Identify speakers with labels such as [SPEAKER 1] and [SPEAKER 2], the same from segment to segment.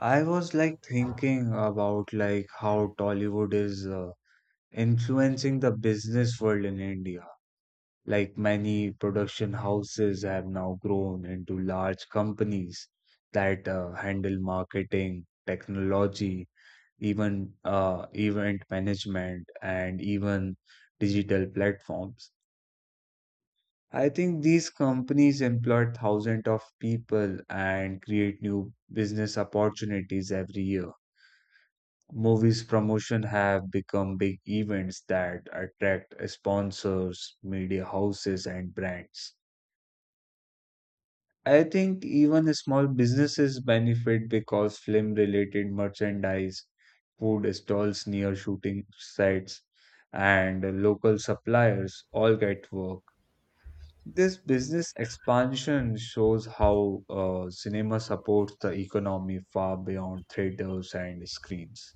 [SPEAKER 1] I was like thinking about like how Tollywood is influencing the business world in India. Like many production houses have now grown into large companies that handle marketing, technology, even event management, and even digital platforms. I think these companies employ thousands of people and create new business opportunities every year. Movies promotion have become big events that attract sponsors, media houses, and brands. I think even small businesses benefit because film related merchandise, food stalls near shooting sites, and local suppliers all get work. This business expansion shows how cinema supports the economy far beyond theaters and screens.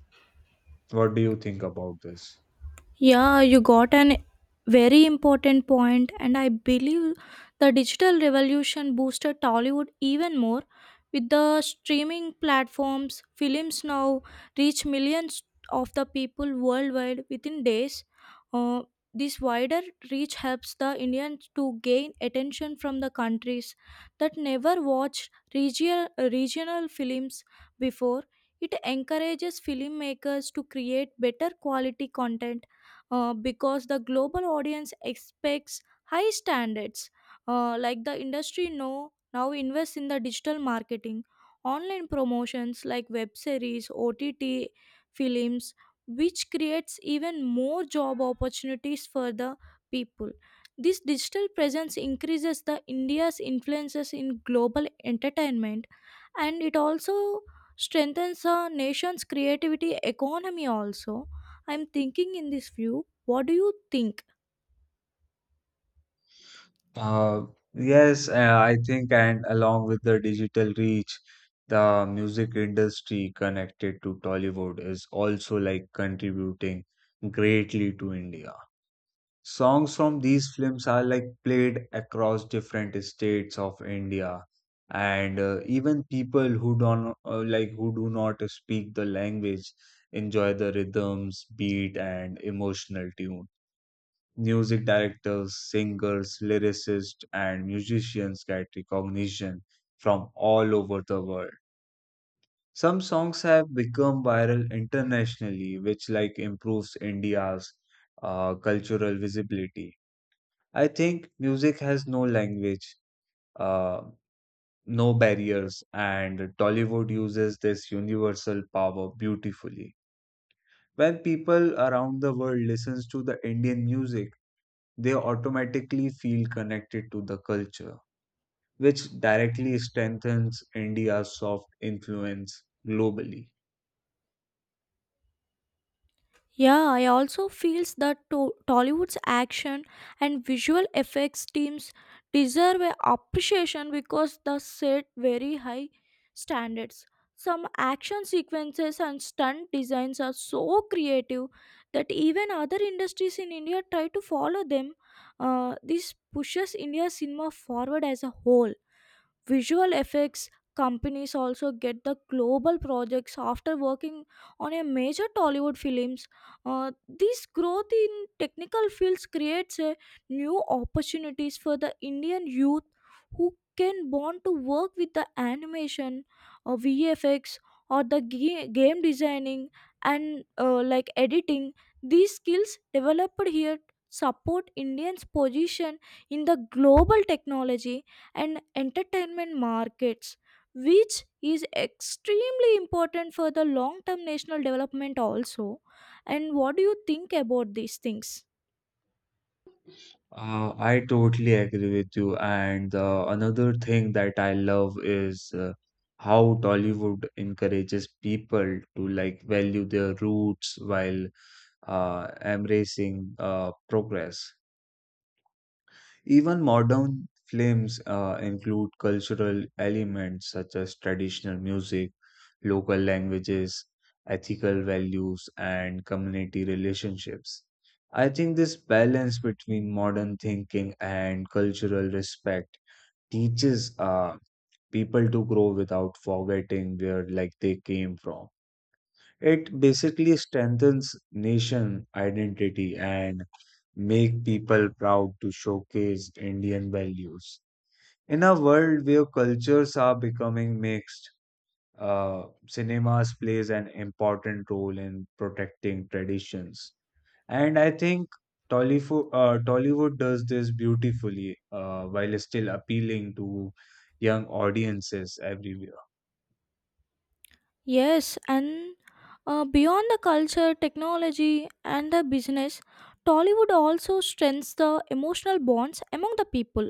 [SPEAKER 1] What do you think about this?
[SPEAKER 2] Yeah, you got an very important point, and I believe the digital revolution boosted Tollywood even more. With the streaming platforms, films now reach millions of the people worldwide within days. Uh, this wider reach helps the Indians to gain attention from the countries that never watched regional films before. It encourages filmmakers to create better quality content because the global audience expects high standards. Like the industry know now invests in the digital marketing, online promotions like web series, OTT films, which creates even more job opportunities for the people. This digital presence increases the India's influences in global entertainment, and it also strengthens a nation's creativity economy also. I'm thinking in this view. What do you think?
[SPEAKER 1] Uh, yes, I think, and along with the digital reach, the music industry connected to Tollywood is also like contributing greatly to India. Songs from these films are like played across different states of India, and even people who don't like who do not speak the language enjoy the rhythms, beat, and emotional tune. Music directors, singers, lyricists, and musicians get recognition from all over the world. Some songs have become viral internationally, which like improves India's cultural visibility. I think music has no language, uh, no barriers, and Tollywood uses this universal power beautifully. When people around the world listens to the Indian music, they automatically feel connected to the culture, which directly strengthens India's soft influence globally.
[SPEAKER 2] Yeah, I also feels that Tollywood's action and visual effects teams deserve a appreciation because they set very high standards. Some action sequences and stunt designs are so creative that even other industries in India try to follow them. This pushes India's cinema forward as a whole. Visual effects companies also get the global projects after working on a major Tollywood films. This growth in technical fields creates a new opportunities for the Indian youth who can want to work with the animation, VFX, or the game designing and like editing. These skills developed here support Indians' position in the global technology and entertainment markets, which is extremely important for the long term national development also. And what do you think about these things?
[SPEAKER 1] I totally agree with you. And another thing that I love is how Tollywood encourages people to like value their roots while embracing progress. Even modern films include cultural elements such as traditional music, local languages, ethical values, and community relationships. I think this balance between modern thinking and cultural respect teaches people to grow without forgetting where like they came from. It basically strengthens nation identity and make people proud to showcase Indian values. In a world where cultures are becoming mixed, cinemas plays an important role in protecting traditions. And I think Tollywood does this beautifully while still appealing to young audiences everywhere.
[SPEAKER 2] Yes, and beyond the culture, technology, and the business, Tollywood also strengthens the emotional bonds among the people.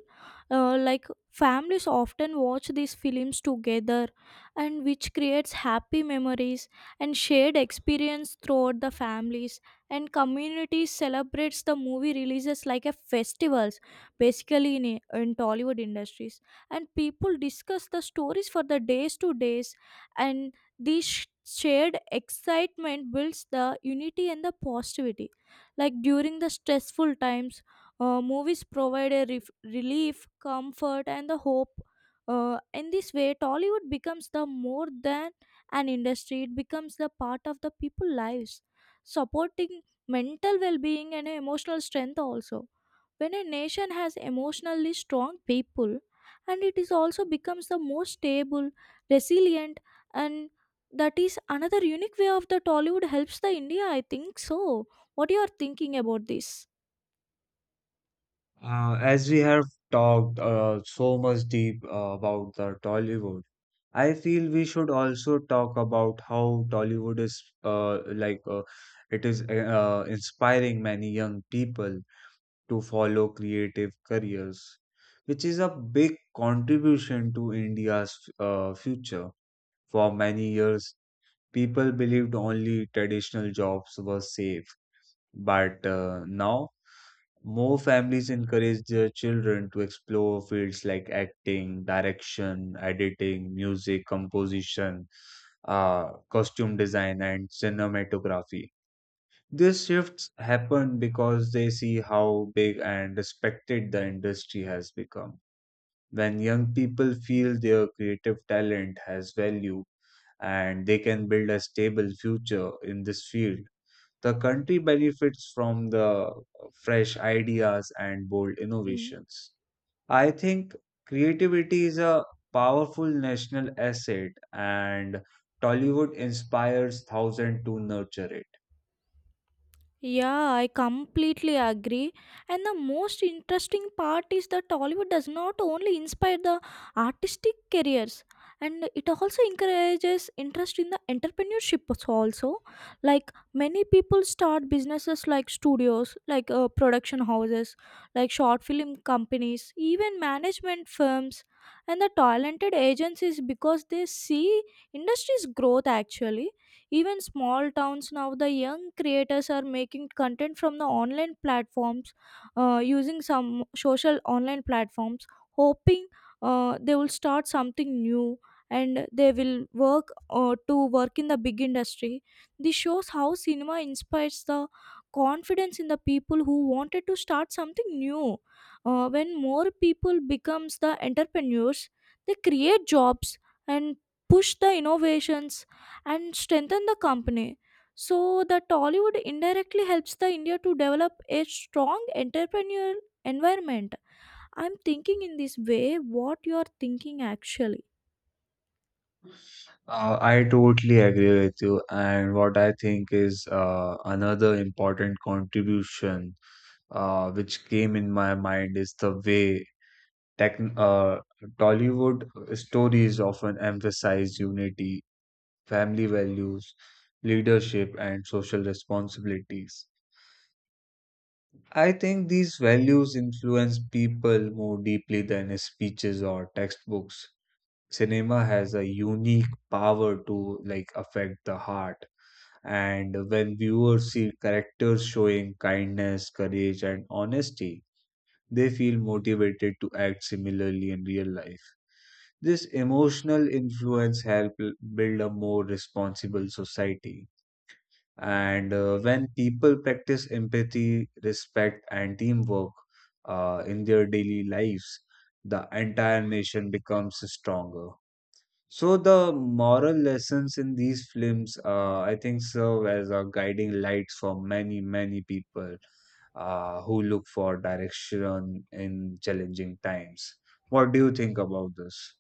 [SPEAKER 2] Like families often watch these films together, and which creates happy memories and shared experience throughout the families. And communities celebrates the movie releases like a festivals, basically in Tollywood industries. And people discuss the stories for the days to days, and this shared excitement builds the unity and the positivity. Like during the stressful times, movies provide a relief, comfort, and the hope. In this way, Tollywood becomes the more than an industry; it becomes the part of the people lives, supporting mental well-being and emotional strength also when a nation has emotionally strong people, and it is also becomes the most stable, resilient, and that is another unique way of the Tollywood helps the India. I think so. What you are thinking about this?
[SPEAKER 1] As we have talked so much deep about the Tollywood, I feel we should also talk about how Tollywood is like it is inspiring many young people to follow creative careers, which is a big contribution to India's future. For many years, people believed only traditional jobs were safe, but now more families encourage their children to explore fields like acting, direction, editing, music, composition, costume design, and cinematography. These shifts happen because they see how big and respected the industry has become. When young people feel their creative talent has value and they can build a stable future in this field, the country benefits from the fresh ideas and bold
[SPEAKER 2] Mm.
[SPEAKER 1] innovations. I think creativity is a powerful national asset and Tollywood inspires thousands to nurture it.
[SPEAKER 2] Yeah, I completely agree. And the most interesting part is that Tollywood does not only inspire the artistic careers, and it also encourages interest in the entrepreneurship also. Like many people start businesses like studios, like production houses, like short film companies, even management firms and the talented agencies, because they see industry's growth actually. Even small towns now, the young creators are making content from the online platforms, using some social online platforms, hoping they will start something new and they will work to work in the big industry. This shows how cinema inspires the confidence in the people who wanted to start something new. When more people becomes the entrepreneurs, they create jobs and push the innovations and strengthen the company. So the Tollywood indirectly helps the India to develop a strong entrepreneurial environment. I'm thinking in this way, what you are thinking actually.
[SPEAKER 1] I totally agree with you. And what I think is another important contribution which came in my mind is the way tech, uh, Tollywood stories often emphasize unity, family values, leadership, and social responsibilities. I think these values influence people more deeply than speeches or textbooks. Cinema has a unique power to like affect the heart. And when viewers see characters showing kindness, courage, and honesty, they feel motivated to act similarly in real life. This emotional influence helps build a more responsible society. And when people practice empathy, respect, and teamwork in their daily lives, the entire nation becomes stronger. So the moral lessons in these films, I think, serve as a guiding lights for many, many people who look for direction in challenging times. What do you think about this?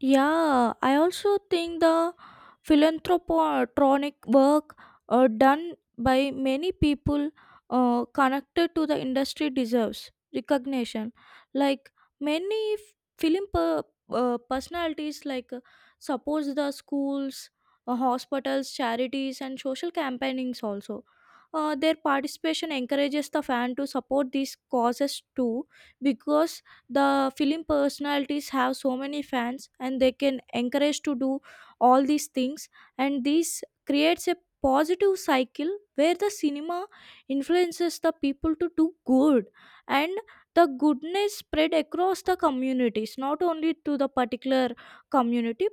[SPEAKER 2] Yeah, I also think the philanthropic work done by many people connected to the industry deserves recognition. Like many film personalities, like suppose the schools, hospitals, charities, and social campaignings also. Their participation encourages the fan to support these causes too, because the film personalities have so many fans and they can encourage to do all these things, and this creates a positive cycle where the cinema influences the people to do good, and the goodness spread across the communities, not only to the particular community,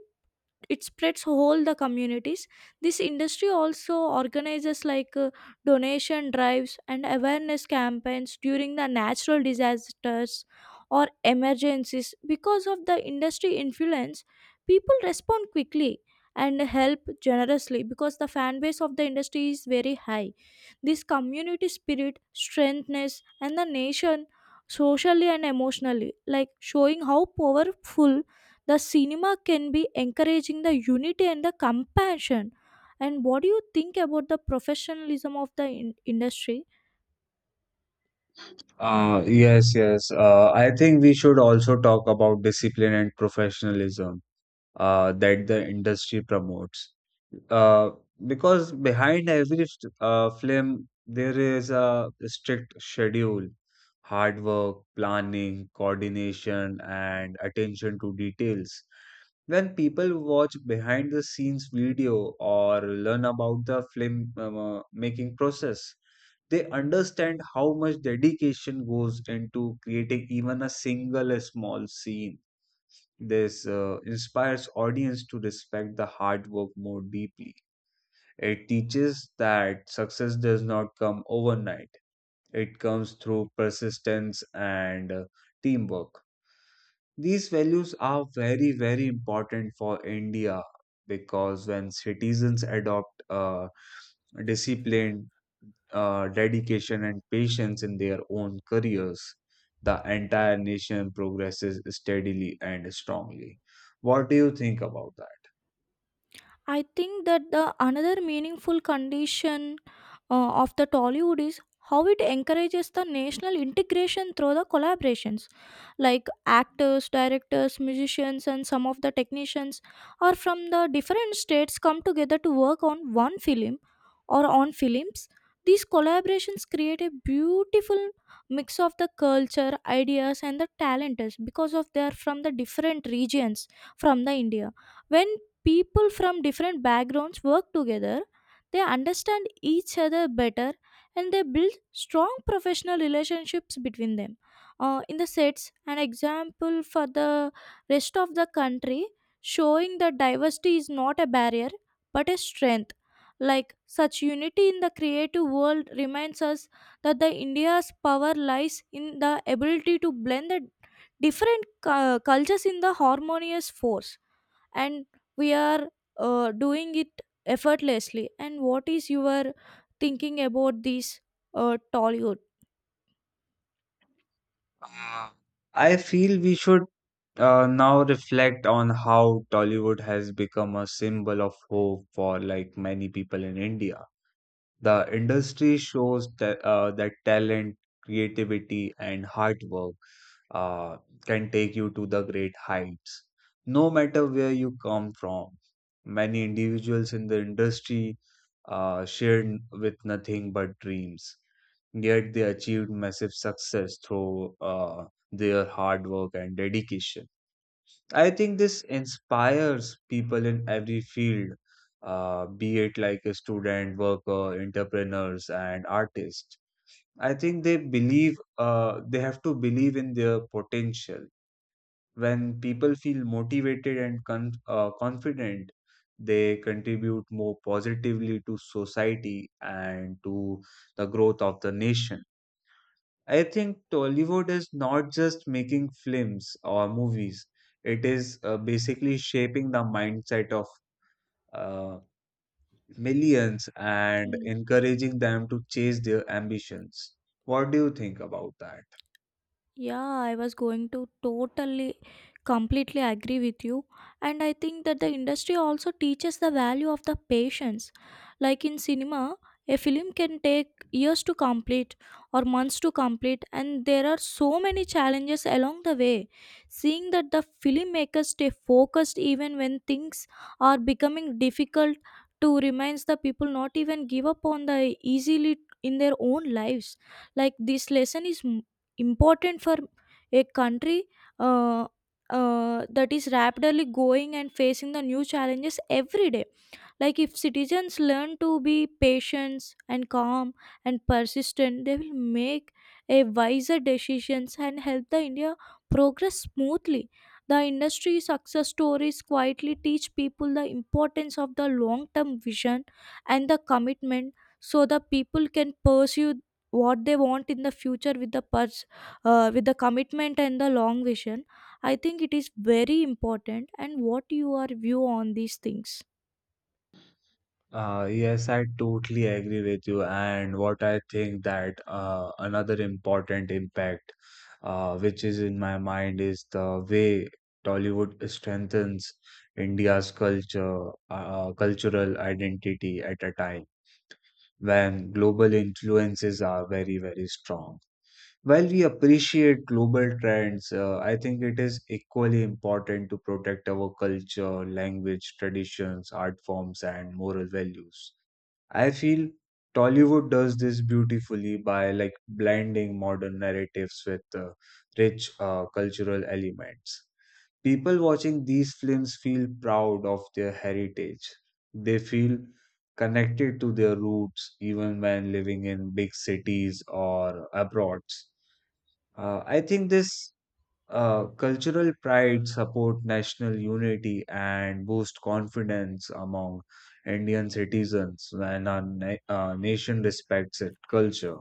[SPEAKER 2] it spreads whole the communities. This industry also organizes like donation drives and awareness campaigns during the natural disasters or emergencies. Because of the industry influence, people respond quickly and help generously because the fan base of the industry is very high. This community spirit strengthens and the nation socially and emotionally, like showing how powerful the cinema can be encouraging the unity and the compassion. And what do you think about the professionalism of the industry?
[SPEAKER 1] Yes, yes. I think we should also talk about discipline and professionalism that the industry promotes. Uh, because behind every film, there is a strict schedule, hard work, planning, coordination, and attention to details. When people watch behind the scenes video or learn about the film making process, they understand how much dedication goes into creating even a single small scene. This inspires audience to respect the hard work more deeply. It teaches that success does not come overnight. It comes through persistence and teamwork. These values are very, very important for India because when citizens adopt discipline, dedication, and patience in their own careers, the entire nation progresses steadily and strongly. What do you think about that?
[SPEAKER 2] I think that the another meaningful condition of the Tollywood is how it encourages the national integration through the collaborations. Like actors, directors, musicians, and some of the technicians are from the different states, come together to work on one film or on films. These collaborations create a beautiful mix of the culture, ideas, and the talents, because of they are from the different regions from the India. When people from different backgrounds work together, they understand each other better and they build strong professional relationships between them. In the sets, an example for the rest of the country, showing that diversity is not a barrier but a strength. Like such unity in the creative world reminds us that the India's power lies in the ability to blend the different cultures in the harmonious force, and we are doing it effortlessly. And what is your thinking about this tollywood?
[SPEAKER 1] Uh, I feel we should now reflect on how Tollywood has become a symbol of hope for like many people in India. The industry shows that, that talent, creativity, and hard work uh, can take you to the great heights, no matter where you come from. Many individuals in the industry shared with nothing but dreams, yet they achieved massive success through their hard work and dedication. I think this inspires people in every field, be it like a student, worker, entrepreneurs, and artists. I think they believe they have to believe in their potential. When people feel motivated and confident, they contribute more positively to society and to the growth of the nation. I think Tollywood is not just making films or movies. It is basically shaping the mindset of uh, millions and
[SPEAKER 2] Hmm.
[SPEAKER 1] encouraging them to chase their ambitions. What do you think about that?
[SPEAKER 2] Yeah, I was going to totally, completely agree with you. And I think that the industry also teaches the value of the patience. Like in cinema, a film can take years to complete or months to complete, and there are so many challenges along the way. Seeing that the filmmakers stay focused even when things are becoming difficult to reminds the people not even give up on the easily in their own lives. Like this lesson is important for a country, uh, that is rapidly going and facing the new challenges every day. Like if citizens learn to be patient and calm and persistent, they will make a wiser decisions and help the India progress smoothly. The industry success stories quietly teach people the importance of the long-term vision and the commitment, so the people can pursue what they want in the future with the with the commitment and the long vision. I think it is very important, and what your view on these things?
[SPEAKER 1] Yes, I totally agree with you. And what I think that another important impact, which is in my mind, is the way Tollywood strengthens India's cultural identity at a time when global influences are very, very strong. While we appreciate global trends, I think it is equally important to protect our culture, language, traditions, art forms, and moral values. I feel Tollywood does this beautifully by like blending modern narratives with rich cultural elements. People watching these films feel proud of their heritage. They feel connected to their roots even when living in big cities or abroad. I think this cultural pride support national unity and boost confidence among Indian citizens when our nation respects its culture.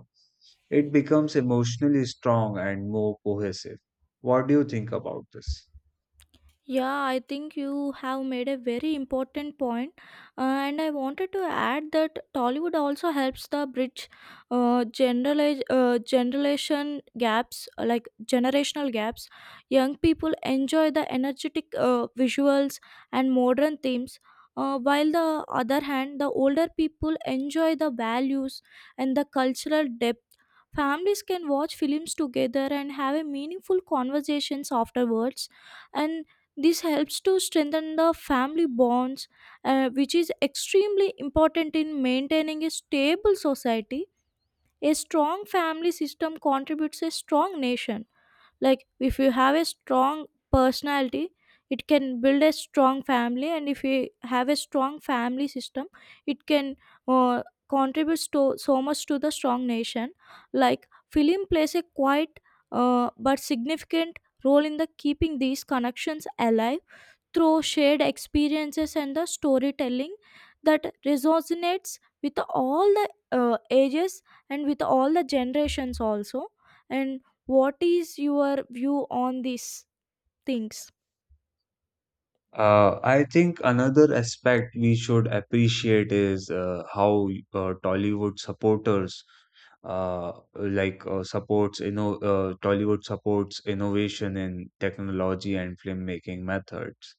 [SPEAKER 1] It becomes emotionally strong and more cohesive. What do you think about this?
[SPEAKER 2] Yeah, I think you have made a very important point. And I wanted to add that Tollywood also helps the bridge generalize generation gaps, like generational gaps. Young people enjoy the energetic visuals and modern themes, while the other hand, the older people enjoy the values and the cultural depth. Families can watch films together and have a meaningful conversations afterwards, and this helps to strengthen the family bonds, which is extremely important in maintaining a stable society. A strong family system contributes a strong nation. Like if you have a strong personality, it can build a strong family, and if you have a strong family system, it can uh, contributes to so much to the strong nation. Like film plays a quite but significant role in the keeping these connections alive through shared experiences and the storytelling that resonates with all the ages and with all the generations also. And what is your view on these things?
[SPEAKER 1] I think another aspect we should appreciate is how Tollywood supporters supports you know Tollywood supports innovation in technology and filmmaking methods.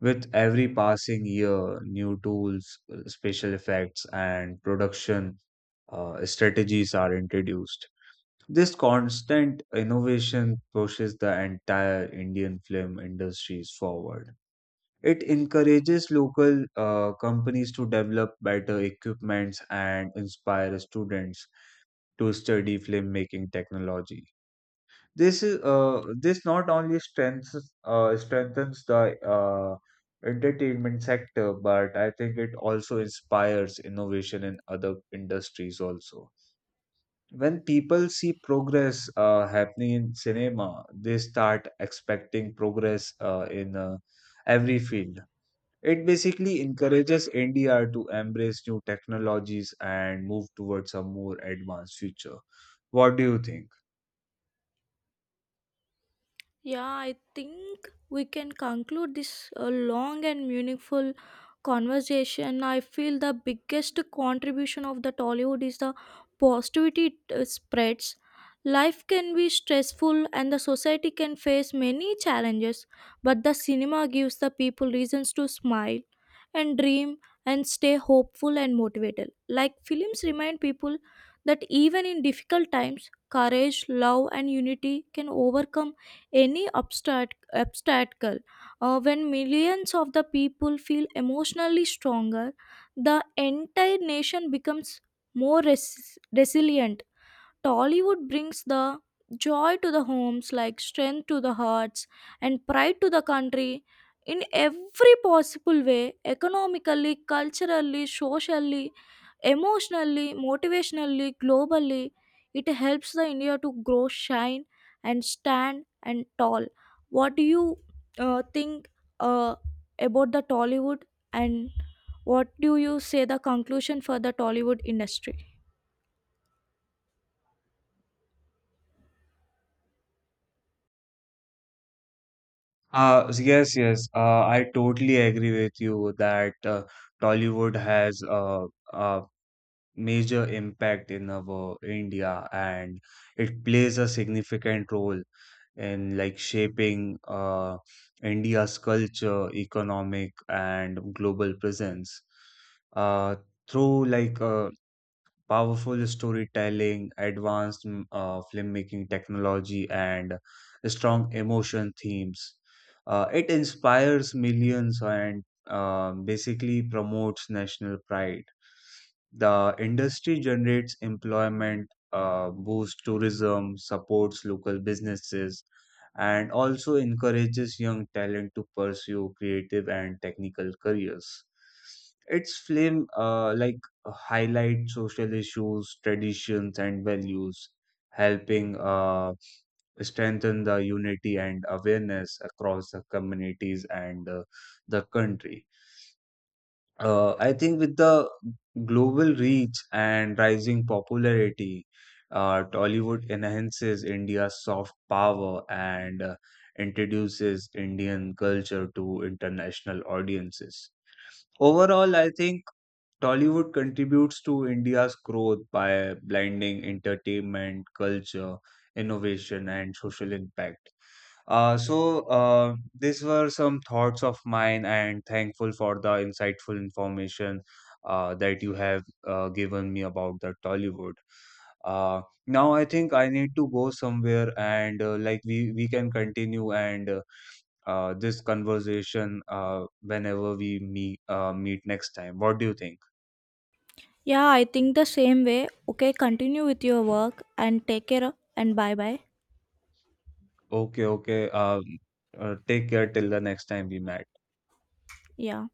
[SPEAKER 1] With every passing year, new tools, special effects, and production strategies are introduced. This constant innovation pushes the entire Indian film industries forward. It encourages local companies to develop better equipments and inspire students to study filmmaking technology. This not only strengthens the entertainment sector, but I think it also inspires innovation in other industries also. When people see progress happening in cinema, they start expecting progress in every field. It basically encourages NDR to embrace new technologies and move towards a more advanced future. What do you think?
[SPEAKER 2] Yeah, I think we can conclude this long and meaningful conversation. I feel the biggest contribution of the Tollywood is the positivity it spreads. Life can be stressful and the society can face many challenges, but the cinema gives the people reasons to smile and dream and stay hopeful and motivated. Like films remind people that even in difficult times, courage, love, and unity can overcome any obstacle. When millions of the people feel emotionally stronger, the entire nation becomes more resilient. Tollywood brings the joy to the homes, like strength to the hearts, and pride to the country in every possible way: economically, culturally, socially, emotionally, motivationally, globally. It helps the India to grow, shine, and stand and tall. What do you think uh, about the Tollywood, and what do you say the conclusion for the Tollywood industry?
[SPEAKER 1] Yes, yes. I totally agree with you that Tollywood has a major impact in our India and it plays a significant role in like shaping India's culture, economic, and global presence. Uh, Through like powerful storytelling, advanced filmmaking technology, and strong emotion themes. It inspires millions and basically promotes national pride. The industry generates employment, boosts tourism, supports local businesses, and also encourages young talent to pursue creative and technical careers. Its film like highlight social issues, traditions, and values, helping strengthen the unity and awareness across the communities and the country. I think with the global reach and rising popularity, Tollywood enhances India's soft power and introduces Indian culture to international audiences. Overall, I think Tollywood contributes to India's growth by blending entertainment, culture, innovation, and social impact. So, these were some thoughts of mine, and thankful for the insightful information that you have given me about the Tollywood. Uh, Now, I think I need to go somewhere, and like we can continue and this conversation whenever we meet next time. What do you think?
[SPEAKER 2] Yeah, I think the same way. Okay, continue with your work and take care and bye bye.
[SPEAKER 1] Okay, okay. Take care till the next time we met.
[SPEAKER 2] Yeah.